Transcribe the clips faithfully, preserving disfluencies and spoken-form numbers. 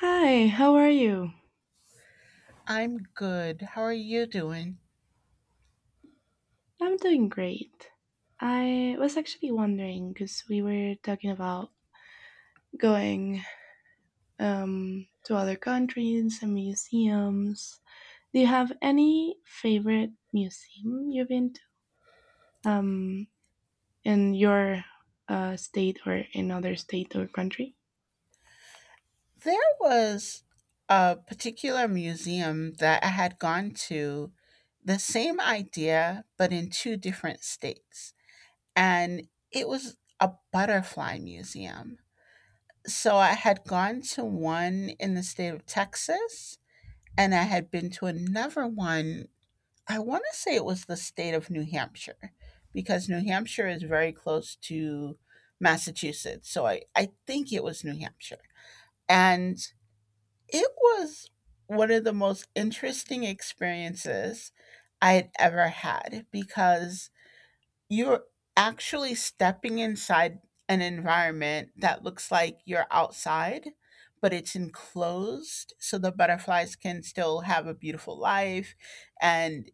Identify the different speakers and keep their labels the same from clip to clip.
Speaker 1: Hi, how are you?
Speaker 2: I'm good. How are you doing?
Speaker 1: I'm doing great. I was actually wondering because we were talking about going um, to other countries and museums. Do you have any favorite museum you've been to um, in your uh, state or in other state or country?
Speaker 2: There was a particular museum that I had gone to, the same idea, but in two different states. And it was a butterfly museum. So I had gone to one in the state of Texas, and I had been to another one. I want to say it was the state of New Hampshire, because New Hampshire is very close to Massachusetts. So I, I think it was New Hampshire. And it was one of the most interesting experiences I had ever had because you're actually stepping inside an environment that looks like you're outside, but it's enclosed so the butterflies can still have a beautiful life, and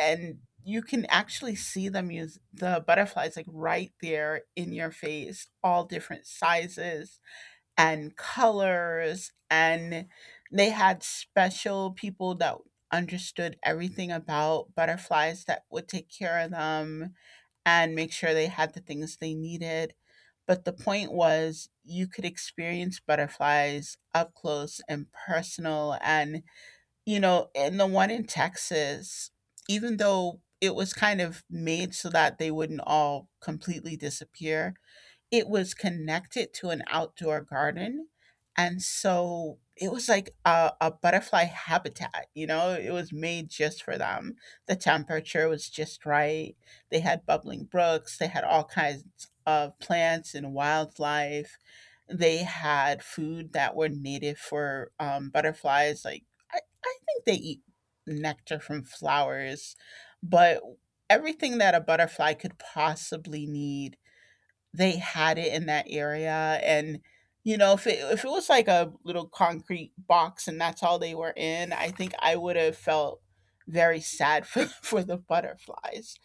Speaker 2: and you can actually see them, use the butterflies like right there in your face, all different sizes and colors. And they had special people that understood everything about butterflies that would take care of them and make sure they had the things they needed. But the point was, you could experience butterflies up close and personal. And you know, in the one in Texas, even though it was kind of made so that they wouldn't all completely disappear, it was connected to an outdoor garden, and so it was like a, a butterfly habitat, you know? It was made just for them. The temperature was just right. They had bubbling brooks, they had all kinds of plants and wildlife. They had food that were native for um, butterflies. Like, I, I think they eat nectar from flowers, but everything that a butterfly could possibly need, they had it in that area. And you know, if it, if it was like a little concrete box and that's all they were in, I think I would have felt very sad for, for the butterflies.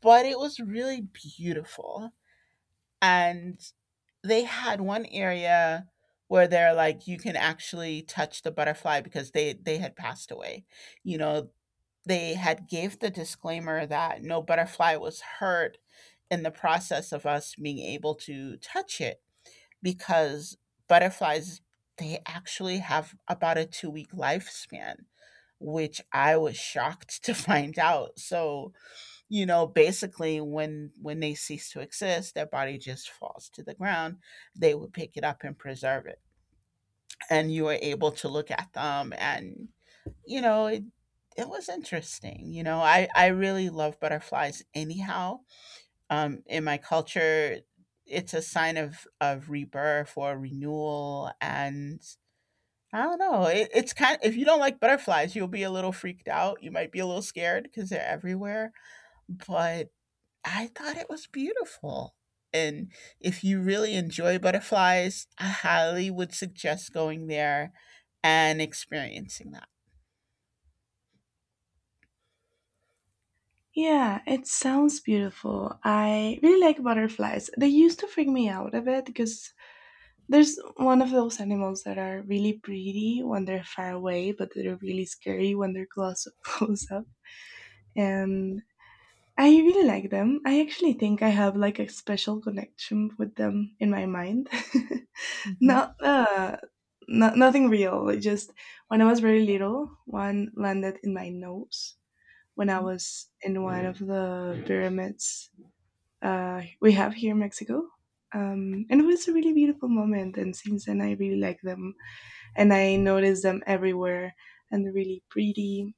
Speaker 2: But it was really beautiful. And they had one area where they're like, you can actually touch the butterfly because they they had passed away, you know. They had gave the disclaimer that no butterfly was hurt in the process of us being able to touch it, because butterflies, they actually have about a two week lifespan, which I was shocked to find out. So you know, basically, when when they cease to exist, their body just falls to the ground. They would pick it up and preserve it. And you were able to look at them, and you know, it it was interesting. You know, I I really love butterflies anyhow. Um, in my culture, it's a sign of of rebirth or renewal. And I don't know. It, it's kind. If you don't like butterflies, you'll be a little freaked out. You might be a little scared because they're everywhere. But I thought it was beautiful. And if you really enjoy butterflies, I highly would suggest going there and experiencing that.
Speaker 1: Yeah, it sounds beautiful. I really like butterflies. They used to freak me out a bit because there's one of those animals that are really pretty when they're far away, but they're really scary when they're close close up. And I really like them. I actually think I have like a special connection with them in my mind.
Speaker 2: Mhm.
Speaker 1: Not uh not, nothing real. It just when I was very little, one landed in my nose when I was in one of the pyramids uh, we have here in Mexico. Um, and it was a really beautiful moment. And since then, I really like them and I notice them everywhere and they're really pretty.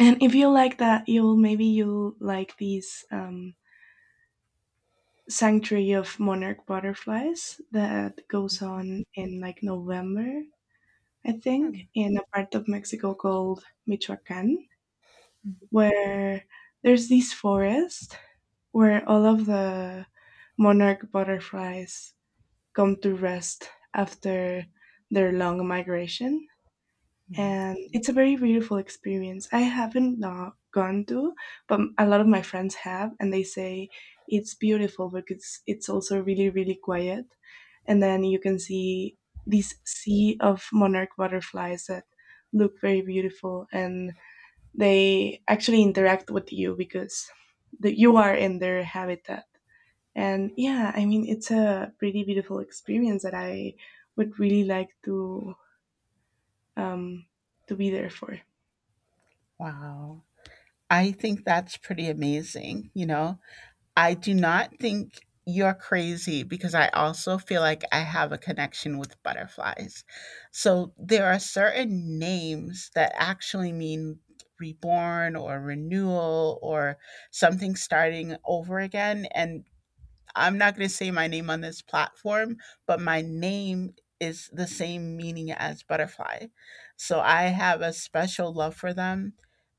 Speaker 1: And if you like that, you'll maybe you'll like these um, sanctuary of monarch butterflies that goes on in like November, I think, in a part of Mexico called Michoacan, where there's this forest where all of the monarch butterflies come to rest after their long migration,
Speaker 2: Mhm.
Speaker 1: and it's a very beautiful experience. I haven't not gone to, but a lot of my friends have, and they say it's beautiful because it's also really really quiet, and then you can see this sea of monarch butterflies that look very beautiful, and they actually interact with you because the, you are in their habitat. And yeah, I mean it's a pretty beautiful experience that I would really like to um, to be there for.
Speaker 2: Wow. I think that's pretty amazing, you know? I do not think you're crazy, because I also feel like I have a connection with butterflies. So there are certain names that actually mean reborn or renewal or something starting over again. And I'm not going to say my name on this platform, but my name is the same meaning as butterfly. So I have a special love for them.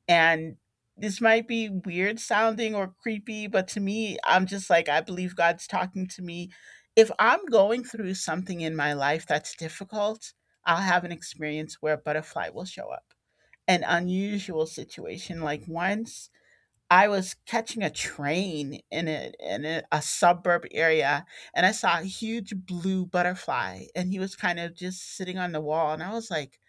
Speaker 2: And this might be weird sounding or creepy, but to me, I'm just like, I believe God's talking to me. If I'm going through something in my life that's difficult, I'll have an experience where a butterfly will show up. An unusual situation. Like once I was catching a train in a, in a, a suburb area, and I saw a huge blue butterfly, and he was kind of just sitting on the wall, and I was like,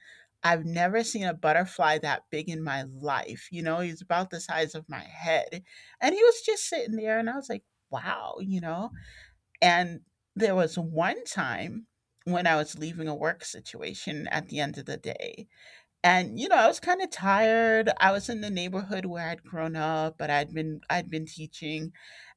Speaker 2: I've never seen a butterfly that big in my life. You know, he's about the size of my head. And he was just sitting there, and I was like, wow, you know? And there was one time when I was leaving a work situation at the end of the day, and you know, I was kind of tired. I was in the neighborhood where I'd grown up, but I'd been I'd been teaching,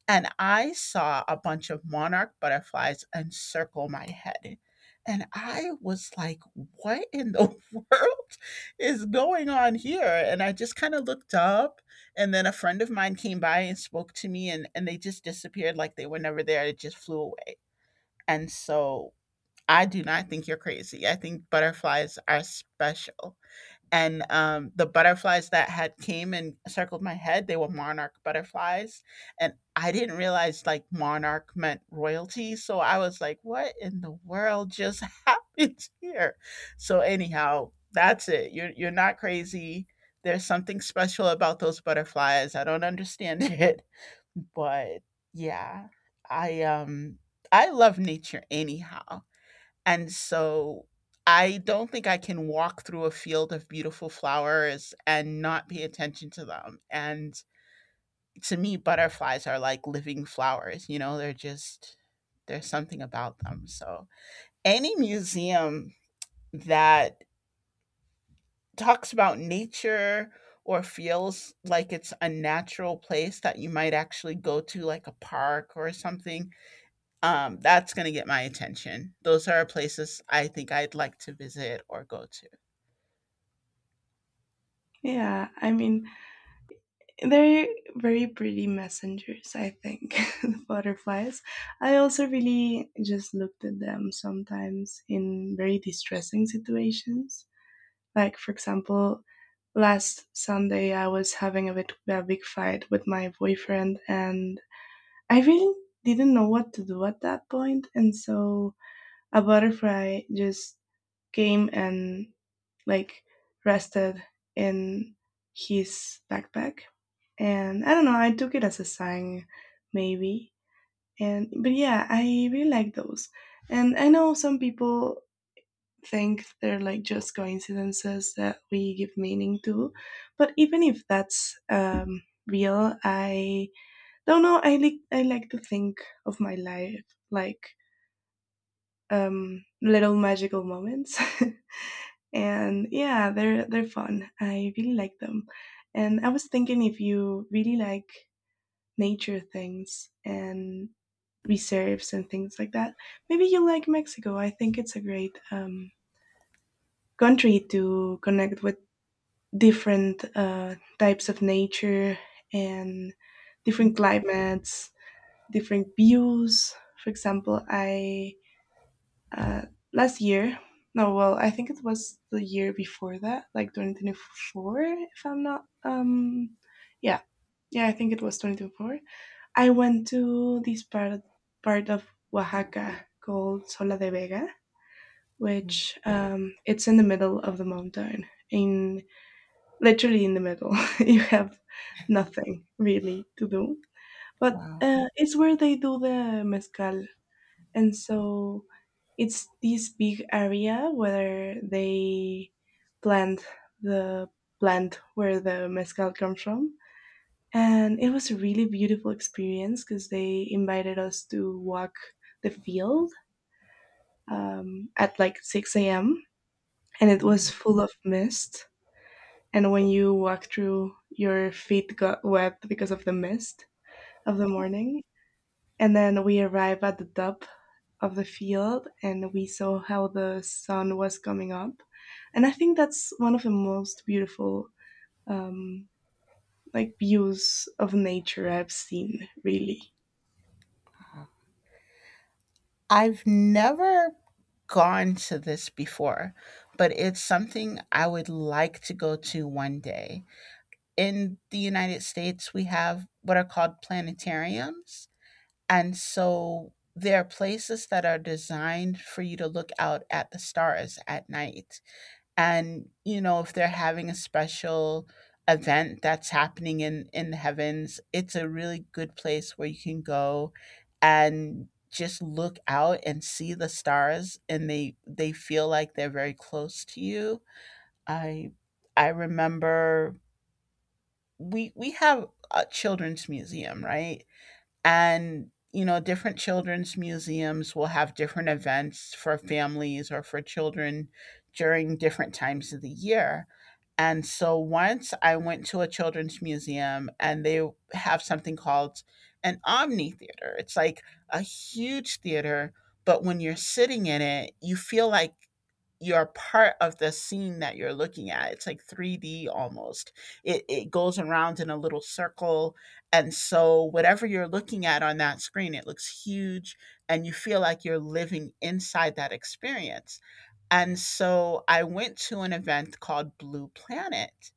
Speaker 2: and I saw a bunch of monarch butterflies encircle my head. And I was like, what in the world is going on here? And I just kind of looked up. And then a friend of mine came by and spoke to me, and and they just disappeared, like they were never there. It just flew away. And so I do not think you're crazy. I think butterflies are special. And um, the butterflies that had came and circled my head, they were monarch butterflies, and I didn't realize like monarch meant royalty. So I was like, what in the world just happened here? So anyhow, that's it. You're, you're not crazy. There's something special about those butterflies. I don't understand it. But yeah, i um i love nature anyhow, and so I don't think I can walk through a field of beautiful flowers and not pay attention to them. And to me, butterflies are like living flowers, you know. They're just, there's something about them. So any museum that talks about nature or feels like it's a natural place that you might actually go to, like a park or something, um, that's going to get my attention. Those are places I think I'd like to visit or go to.
Speaker 1: Yeah, I mean, they're very pretty messengers, I think, the butterflies. I also really just looked at them sometimes in very distressing situations. Like, for example, last Sunday I was having a bit a big fight with my boyfriend, and I really didn't know what to do at that point, and so a butterfly just came and like rested in his backpack, and I don't know, I took it as a sign, maybe. And but yeah, I really like those. And I know some people think they're like just coincidences that we give meaning to, but even if that's um, real, I don't know. I like I like to think of my life like um, little magical moments. And yeah, they're they're fun, I really like them. And I was thinking, if you really like nature things and reserves and things like that. Maybe you like Mexico. I think it's a great um, country to connect with different uh, types of nature and different climates, different views. For example, I uh, last year, no, well, I think it was the year before that, like two thousand twenty-four, if I'm not, um, yeah, yeah, I think it was twenty twenty-four. I went to this part part of Oaxaca called Sola de Vega, which um, it's in the middle of the mountain. In literally in the middle, you have nothing really to do, but uh, it's where they do the mezcal, and so it's this big area where they plant the plant where the mezcal comes from, and it was a really beautiful experience because they invited us to walk the field um, at like six a m and it was full of mist. And when you walk through, your feet got wet because of the mist of the morning. And then we arrived at the top of the field and we saw how the sun was coming up. And I think that's one of the most beautiful um, like views of nature I've seen, really.
Speaker 2: I've never gone to this before, but it's something I would like to go to one day. In the United States, we have what are called planetariums. And so there are places that are designed for you to look out at the stars at night. And you know, if they're having a special event that's happening in in the heavens, it's a really good place where you can go and just look out and see the stars, and they they feel like they're very close to you. I i remember, we we have a children's museum, right? And you know, different children's museums will have different events for families or for children during different times of the year. And so once I went to a children's museum, and they have something called an omni theater. It's like a huge theater, but when you're sitting in it, you feel like you're part of the scene that you're looking at. It's like three D almost. It it goes around in a little circle, and so whatever you're looking at on that screen, it looks huge, and you feel like you're living inside that experience. And so I went to an event called Blue Planet,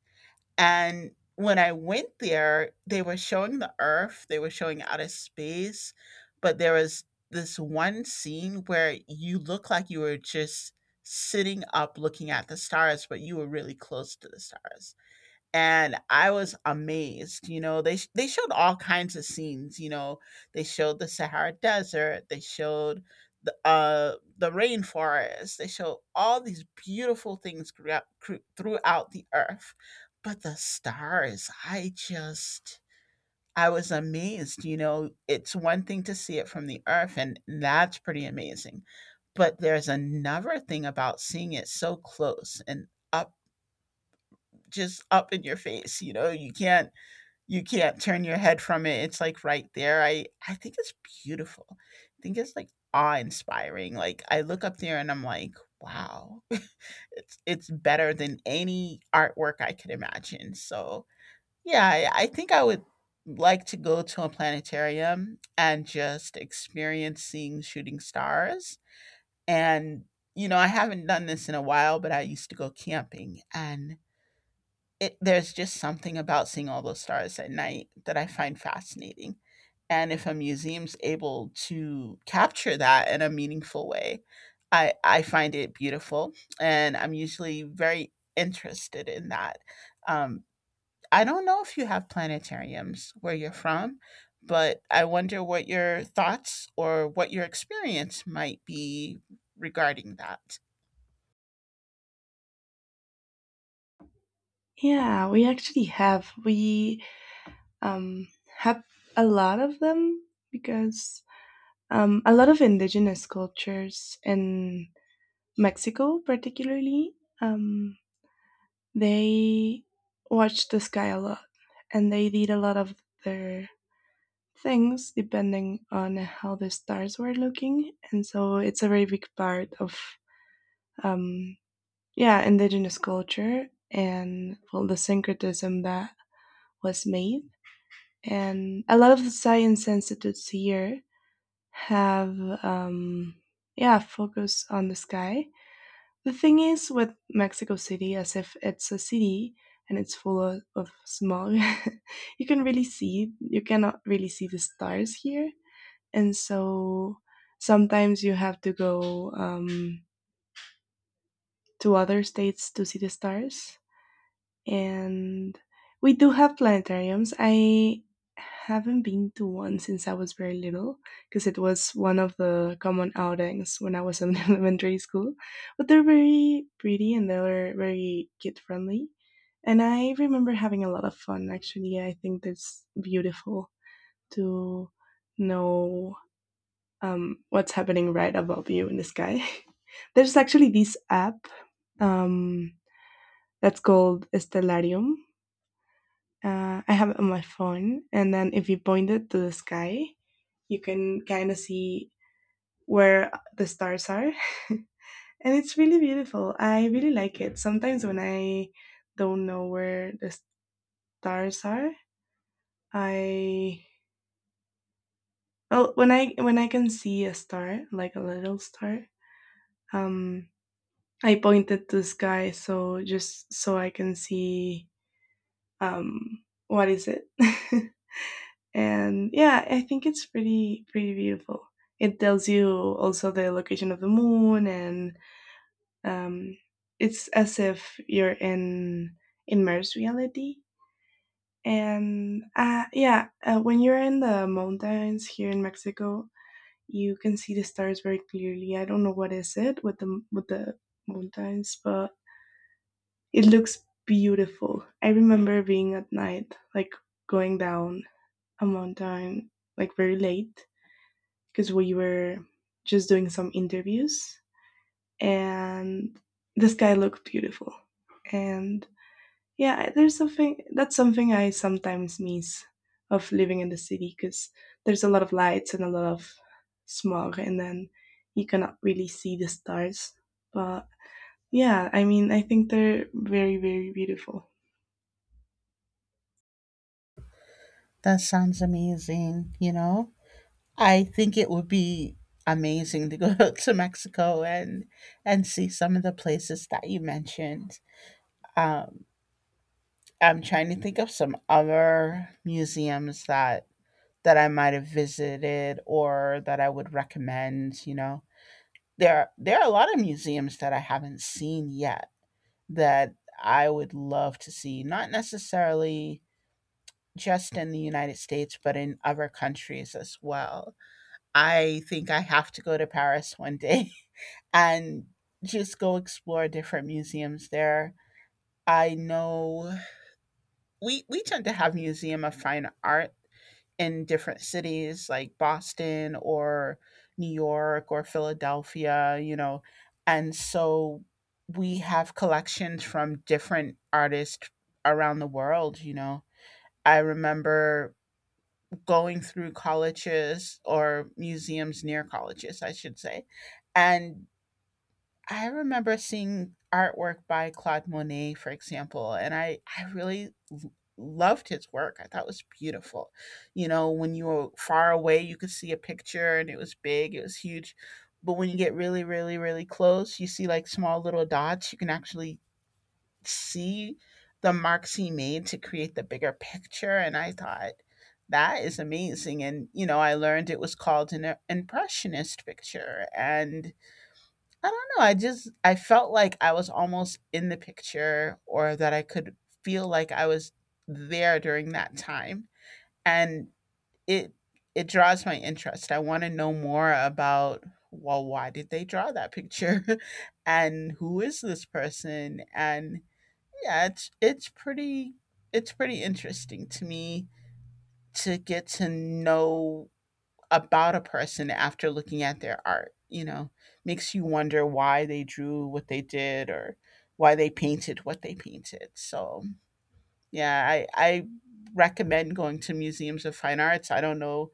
Speaker 2: and when I went there, they were showing the Earth, they were showing outer space, but there was this one scene where you look like you were just sitting up looking at the stars, but you were really close to the stars, and I was amazed. You know, they sh- they showed all kinds of scenes. You know, they showed the Sahara Desert. They showed the uh the rainforest. They showed all these beautiful things throughout cru- throughout the earth. But the stars, I just, I was amazed. You know, it's one thing to see it from the earth, and that's pretty amazing. But there's another thing about seeing it so close and up, just up in your face. You know, you can't you can't turn your head from it. It's like right there. I I think it's beautiful. I think it's like awe-inspiring. Like I look up there, and I'm like, wow. it's it's better than any artwork I could imagine. So yeah, I, I think I would like to go to a planetarium and just experience seeing shooting stars. And you know, I haven't done this in a while, but I used to go camping, and it, there's just something about seeing all those stars at night that I find fascinating. And if a museum's able to capture that in a meaningful way, I, I find it beautiful. And I'm usually very interested in that. Um, I don't know if you have planetariums where you're from, but I wonder what your thoughts or what your experience might be regarding that.
Speaker 1: Yeah, we actually have. We um, have a lot of them because um, a lot of indigenous cultures in Mexico, particularly, um, they watch the sky a lot and they did a lot of their things depending on how the stars were looking. And so it's a very big part of, um, yeah, indigenous culture and well, the syncretism that was made, and a lot of the science institutes here have um yeah, focus on the sky. The thing is with Mexico City, as if it's a city and it's full of, of smog, you can really see you cannot really see the stars here, and so sometimes you have to go um, to other states to see the stars. And we do have planetariums. I haven't been to one since I was very little because it was one of the common outings when I was in elementary school. But they're very pretty and they're very kid friendly. And I remember having a lot of fun actually. I think it's beautiful to know um, what's happening right above you in the sky. There's actually this app um, that's called Stellarium. Uh, I have it on my phone, and then if you point it to the sky, you can kind of see where the stars are. And it's really beautiful. I really like it. Sometimes when I don't know where the stars are, I well when I when I can see a star, like a little star, um, I point it to the sky so just so I can see um what is it. And yeah, I think it's pretty pretty beautiful. It tells you also the location of the moon, and um, it's as if you're in immersed reality. And uh, yeah uh, when you're in the mountains here in Mexico, you can see the stars very clearly. I don't know what is it with the with the mountains, but it looks beautiful. I remember being at night, like going down a mountain, like very late because we were just doing some interviews, and the sky looked beautiful. And yeah, there's something that's something I sometimes miss of living in the city because there's a lot of lights and a lot of smog, and then you cannot really see the stars. But yeah, I mean, I think they're very, very beautiful.
Speaker 2: That sounds amazing, you know? I think it would be amazing to go to Mexico and and see some of the places that you mentioned. Um, I'm trying to think of some other museums that that I might have visited or that I would recommend. You know, there there are a lot of museums that I haven't seen yet that I would love to see. Not necessarily just in the United States, but in other countries as well. I think I have to go to Paris one day and just go explore different museums there. I know we we tend to have museum of fine art in different cities like Boston or New York or Philadelphia, you know. And so we have collections from different artists around the world, you know. I remember going through colleges or museums near colleges, I should say. And I remember seeing artwork by Claude Monet, for example, and I, I really l- loved his work. I thought it was beautiful. You know, when you were far away, you could see a picture and it was big, it was huge. But when you get really, really, really close, you see like small little dots. You can actually see the marks he made to create the bigger picture. And I thought, that is amazing. And, you know, I learned it was called an impressionist picture. And I don't know, I just, I felt like I was almost in the picture or that I could feel like I was there during that time. And it, it draws my interest. I want to know more about, well, why did they draw that picture? And who is this person? And yeah, it's it's pretty it's pretty interesting to me to get to know about a person after looking at their art. You know, makes you wonder why they drew what they did or why they painted what they painted. So yeah, i i recommend going to museums of fine arts. I don't know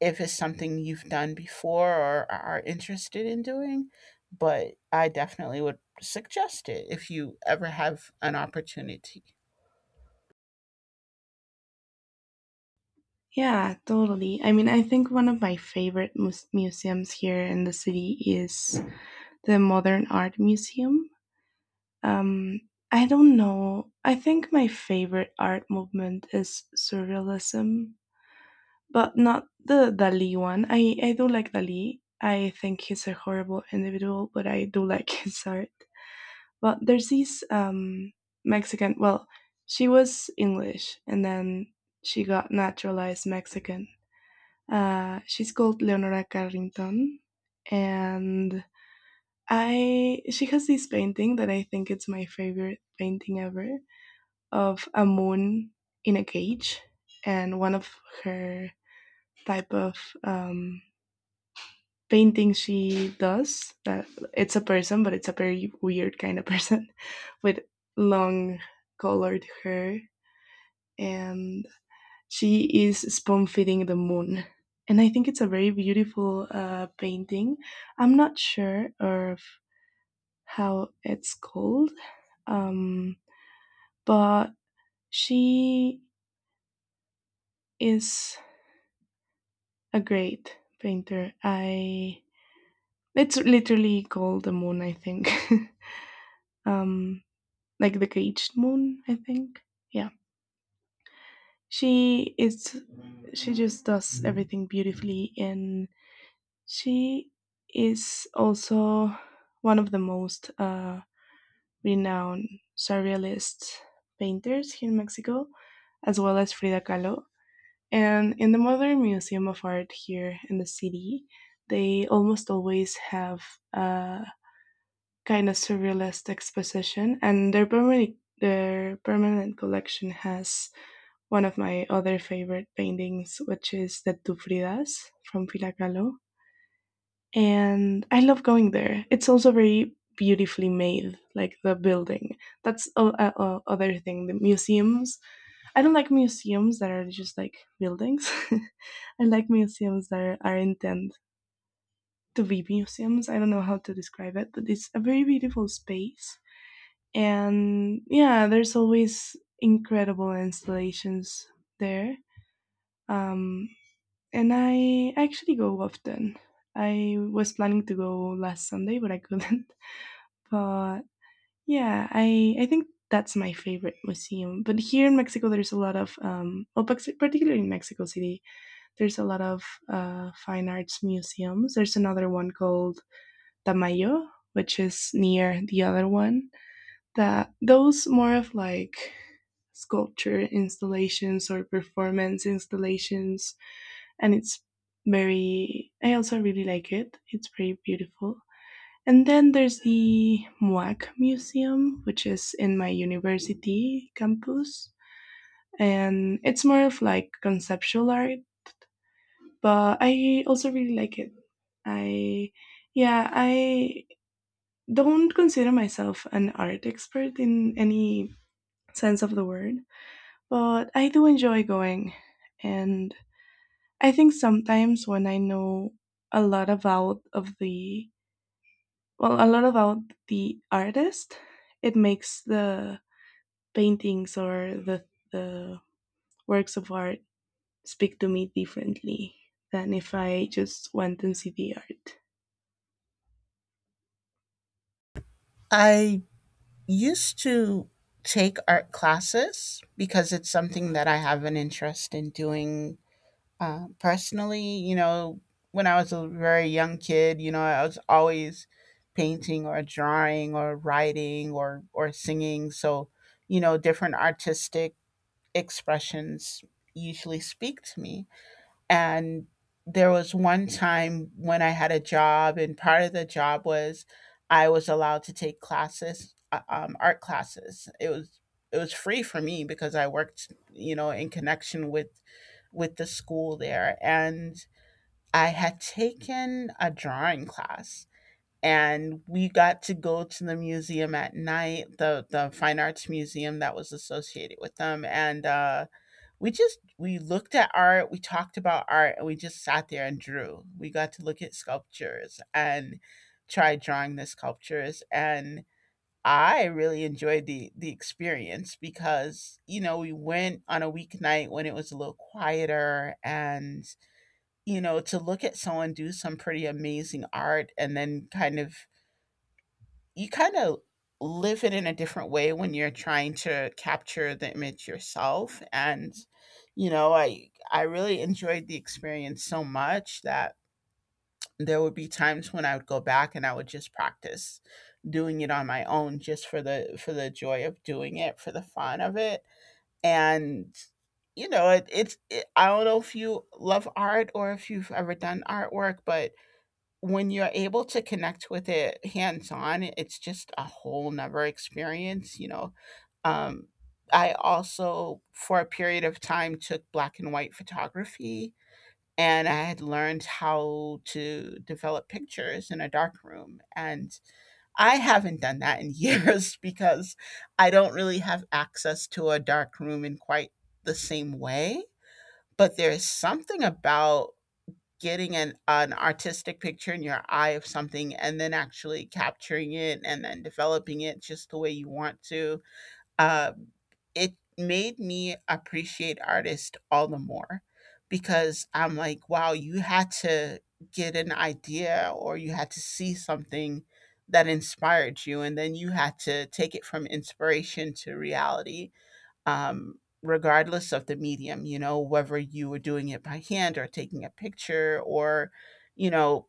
Speaker 2: if it's something you've done before or are interested in doing, but I definitely would suggest it if you ever have an opportunity.
Speaker 1: Yeah, totally. I mean, I think one of my favorite mus- museums here in the city is the Modern Art Museum. Um, I don't know. I think my favorite art movement is surrealism, but not the Dali one. I, I do like Dali. I think he's a horrible individual, but I do like his art. But there's these um, Mexican, well, she was English and then she got naturalized Mexican. Uh, she's called Leonora Carrington, and I she has this painting that I think it's my favorite painting ever, of a moon in a cage, and one of her type of um, painting she does that it's a person, but it's a very weird kind of person with long colored hair, and she is spoon feeding the moon. And I think it's a very beautiful uh, painting. I'm not sure of how it's called, um, but she is a great painter. I it's literally called the moon, I think. um like the caged moon, I think. Yeah. She is she just does everything beautifully, and she is also one of the most uh renowned surrealist painters here in Mexico, as well as Frida Kahlo. And in the Modern Museum of Art here in the city, they almost always have a kind of surrealist exposition, and their permanent their permanent collection has one of my other favorite paintings, which is the Tu Fridas from Pilacalo. And I love going there. It's also very beautifully made, like the building. That's a, a, a other thing. The museums I don't like museums that are just like buildings. I like museums that are, are intended to be museums. I don't know how to describe it, but it's a very beautiful space. And yeah, there's always incredible installations there. Um, and I actually go often. I was planning to go last Sunday, but I couldn't. But yeah, I, I think that's my favorite museum. But here in Mexico, there's a lot of, um, well, particularly in Mexico City, there's a lot of uh, fine arts museums. There's another one called Tamayo, which is near the other one. That those more of like sculpture installations or performance installations, and it's very. I also really like it. It's very beautiful. And then there's the M U A C Museum, which is in my university campus. And it's more of like conceptual art, but I also really like it. I, yeah, I don't consider myself an art expert in any sense of the word, but I do enjoy going. And I think sometimes when I know a lot about of the, well, a lot about the artist, it makes the paintings or the, the works of art speak to me differently than if I just went and see the art.
Speaker 2: I used to take art classes because it's something that I have an interest in doing uh, personally. You know, when I was a very young kid, you know, I was always painting or drawing or writing or or singing. So, you know, different artistic expressions usually speak to me. And there was one time when I had a job, and part of the job was I was allowed to take classes, uh, um, art classes. It was it was free for me because I worked, you know, in connection with with the school there, and I had taken a drawing class. And we got to go to the museum at night, the the fine arts museum that was associated with them, and uh, we just we looked at art, we talked about art, and we just sat there and drew. We got to look at sculptures and try drawing the sculptures, and I really enjoyed the the experience because, you know, we went on a weeknight when it was a little quieter. And, you know, to look at someone do some pretty amazing art and then kind of you kind of live it in a different way when you're trying to capture the image yourself. And you know, i i really enjoyed the experience so much that there would be times when I would go back and I would just practice doing it on my own, just for the for the joy of doing it, for the fun of it. And you know, it, it's it, i don't know if you love art or if you've ever done artwork, but when you're able to connect with it hands on, it's just a whole nother experience, you know. Um, I also, for a period of time, took black and white photography, and I had learned how to develop pictures in a dark room. And I haven't done that in years because I don't really have access to a dark room in quite the same way. But there's something about getting an an artistic picture in your eye of something and then actually capturing it and then developing it just the way you want to. Uh, it made me appreciate artists all the more because I'm like, wow, you had to get an idea or you had to see something that inspired you, and then you had to take it from inspiration to reality, um, regardless of the medium. You know, whether you were doing it by hand or taking a picture or, you know,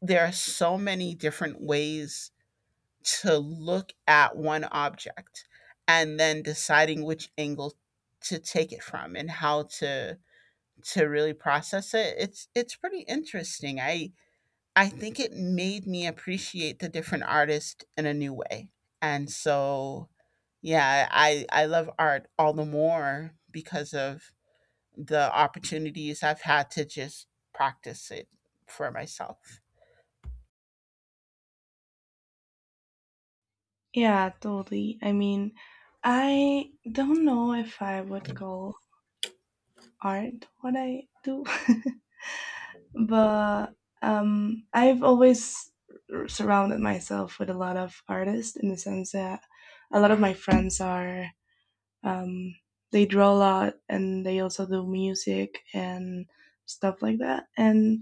Speaker 2: there are so many different ways to look at one object and then deciding which angle to take it from and how to to really process it. It's it's pretty interesting. I i think it made me appreciate the different artists in a new way. And so yeah, I I love art all the more because of the opportunities I've had to just practice it for myself.
Speaker 1: Yeah, totally. I mean, I don't know if I would call art what I do, but um, I've always r- surrounded myself with a lot of artists in the sense that a lot of my friends are, um, they draw a lot and they also do music and stuff like that. And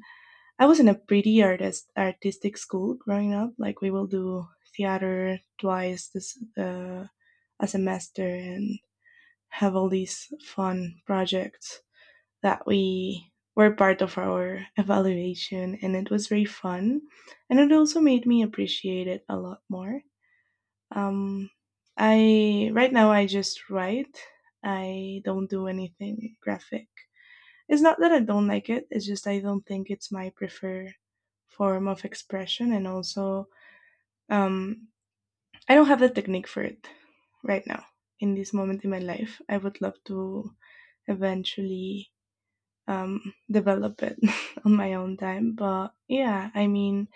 Speaker 1: I was in a pretty artist artistic school growing up. Like we will do theater twice this uh, a semester and have all these fun projects that we were part of our evaluation, and it was very fun, and it also made me appreciate it a lot more. Um, I right now I just write. I don't do anything graphic. It's not that I don't like it, it's just I don't think it's my preferred form of expression. And also, um, I don't have the technique for it right now in this moment in my life. I would love to eventually um, develop it on my own time. But yeah, I mean,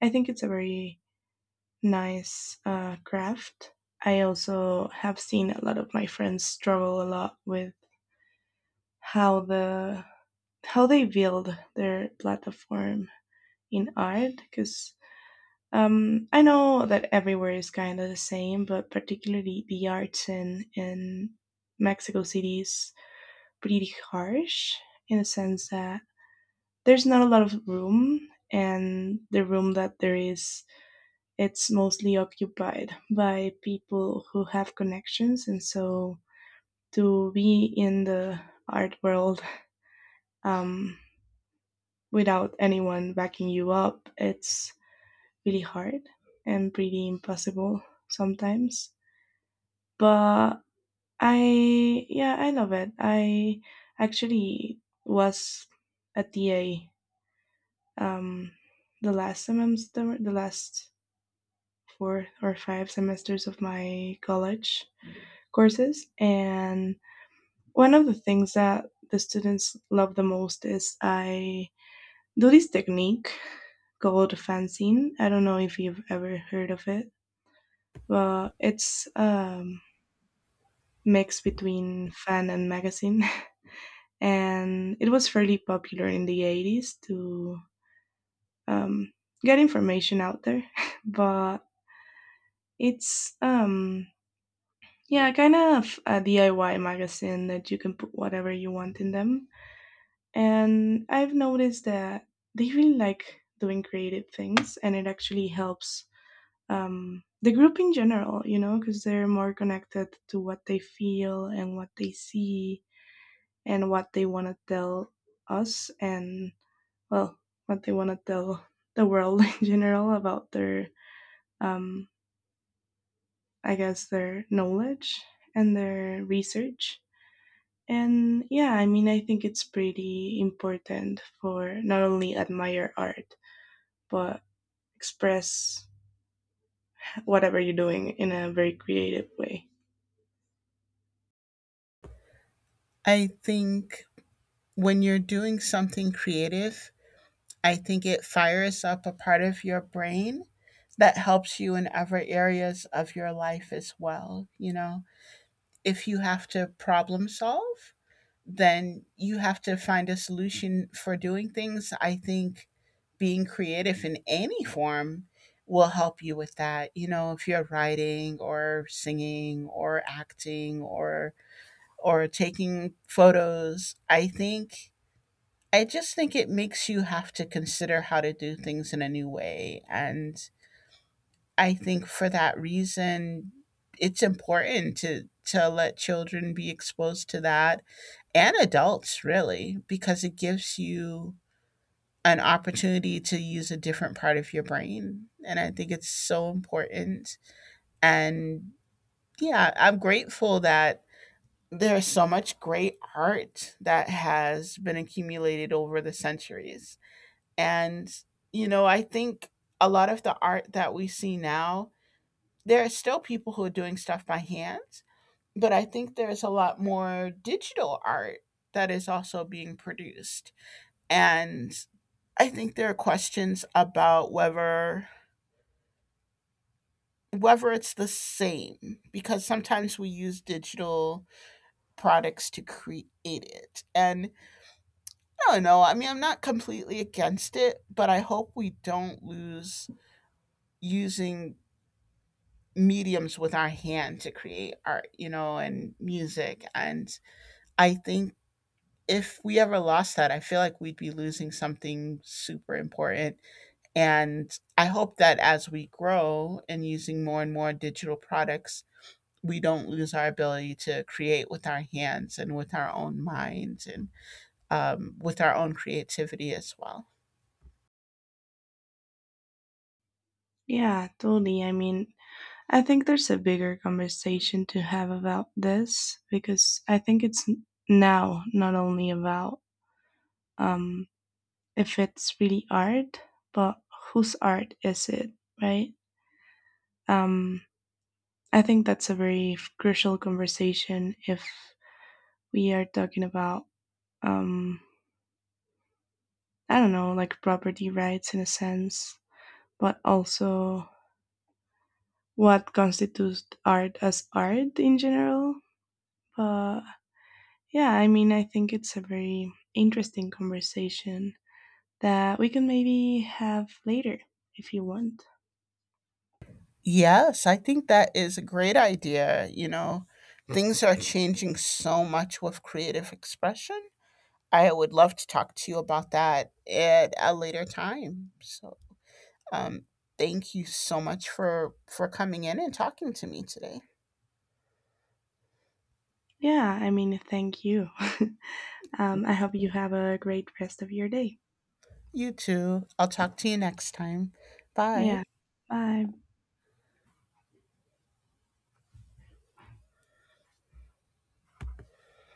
Speaker 1: I think it's a very nice uh, craft. I also have seen a lot of my friends struggle a lot with how the how they build their platform in art because um, I know that everywhere is kind of the same, but particularly the arts in in Mexico City is pretty harsh in the sense that there's not a lot of room, and the room that there is, it's mostly occupied by people who have connections, and so to be in the art world, um, without anyone backing you up, it's really hard and pretty impossible sometimes. But I, yeah, I love it. I actually was a T A um, the last semester, the last four or five semesters of my college courses. And one of the things that the students love the most is I do this technique called fanzine. I don't know if you've ever heard of it, but it's, um, mix between fan and magazine. And it was fairly popular in the eighties to um, get information out there. But it's, um, yeah, kind of a D I Y magazine that you can put whatever you want in them. And I've noticed that they really like doing creative things and it actually helps, um, the group in general, you know, because they're more connected to what they feel and what they see and what they want to tell us, and well, what they want to tell the world in general about their, um, I guess their knowledge and their research. And yeah, I mean, I think it's pretty important for not only admire art, but express whatever you're doing in a very creative way.
Speaker 2: I think when you're doing something creative, I think it fires up a part of your brain that helps you in other areas of your life as well, you know. If you have to problem solve, then you have to find a solution for doing things. I think being creative in any form will help you with that. You know, if you're writing or singing or acting or or taking photos, I think I just think it makes you have to consider how to do things in a new way. And I think for that reason, it's important to to let children be exposed to that, and adults really, because it gives you an opportunity to use a different part of your brain, and I think it's so important. And yeah, I'm grateful that there's so much great art that has been accumulated over the centuries. And you know, I think a lot of the art that we see now, there are still people who are doing stuff by hands, but I think there's a lot more digital art that is also being produced. And I think there are questions about whether whether it's the same because sometimes we use digital products to create it. And I don't know. I mean, I'm not completely against it, but I hope we don't lose using mediums with our hand to create art, you know, and music. And I think if we ever lost that, I feel like we'd be losing something super important. And I hope that as we grow and using more and more digital products, we don't lose our ability to create with our hands and with our own minds and um, with our own creativity as well.
Speaker 1: Yeah, totally. I mean, I think there's a bigger conversation to have about this because I think it's now not only about, um, if it's really art, but whose art is it, right? Um, I think that's a very f- crucial conversation if we are talking about, um, I don't know, like property rights in a sense, but also what constitutes art as art in general. But yeah, I mean, I think it's a very interesting conversation that we can maybe have later if you want.
Speaker 2: Yes, I think that is a great idea. You know, things are changing so much with creative expression. I would love to talk to you about that at a later time. So. Um, Thank you so much for for coming in and talking to me today.
Speaker 1: Yeah, I mean, thank you. um, I hope you have a great rest of your day.
Speaker 2: You too. I'll talk to you next time.
Speaker 1: Yeah,
Speaker 2: Bye.
Speaker 1: bye.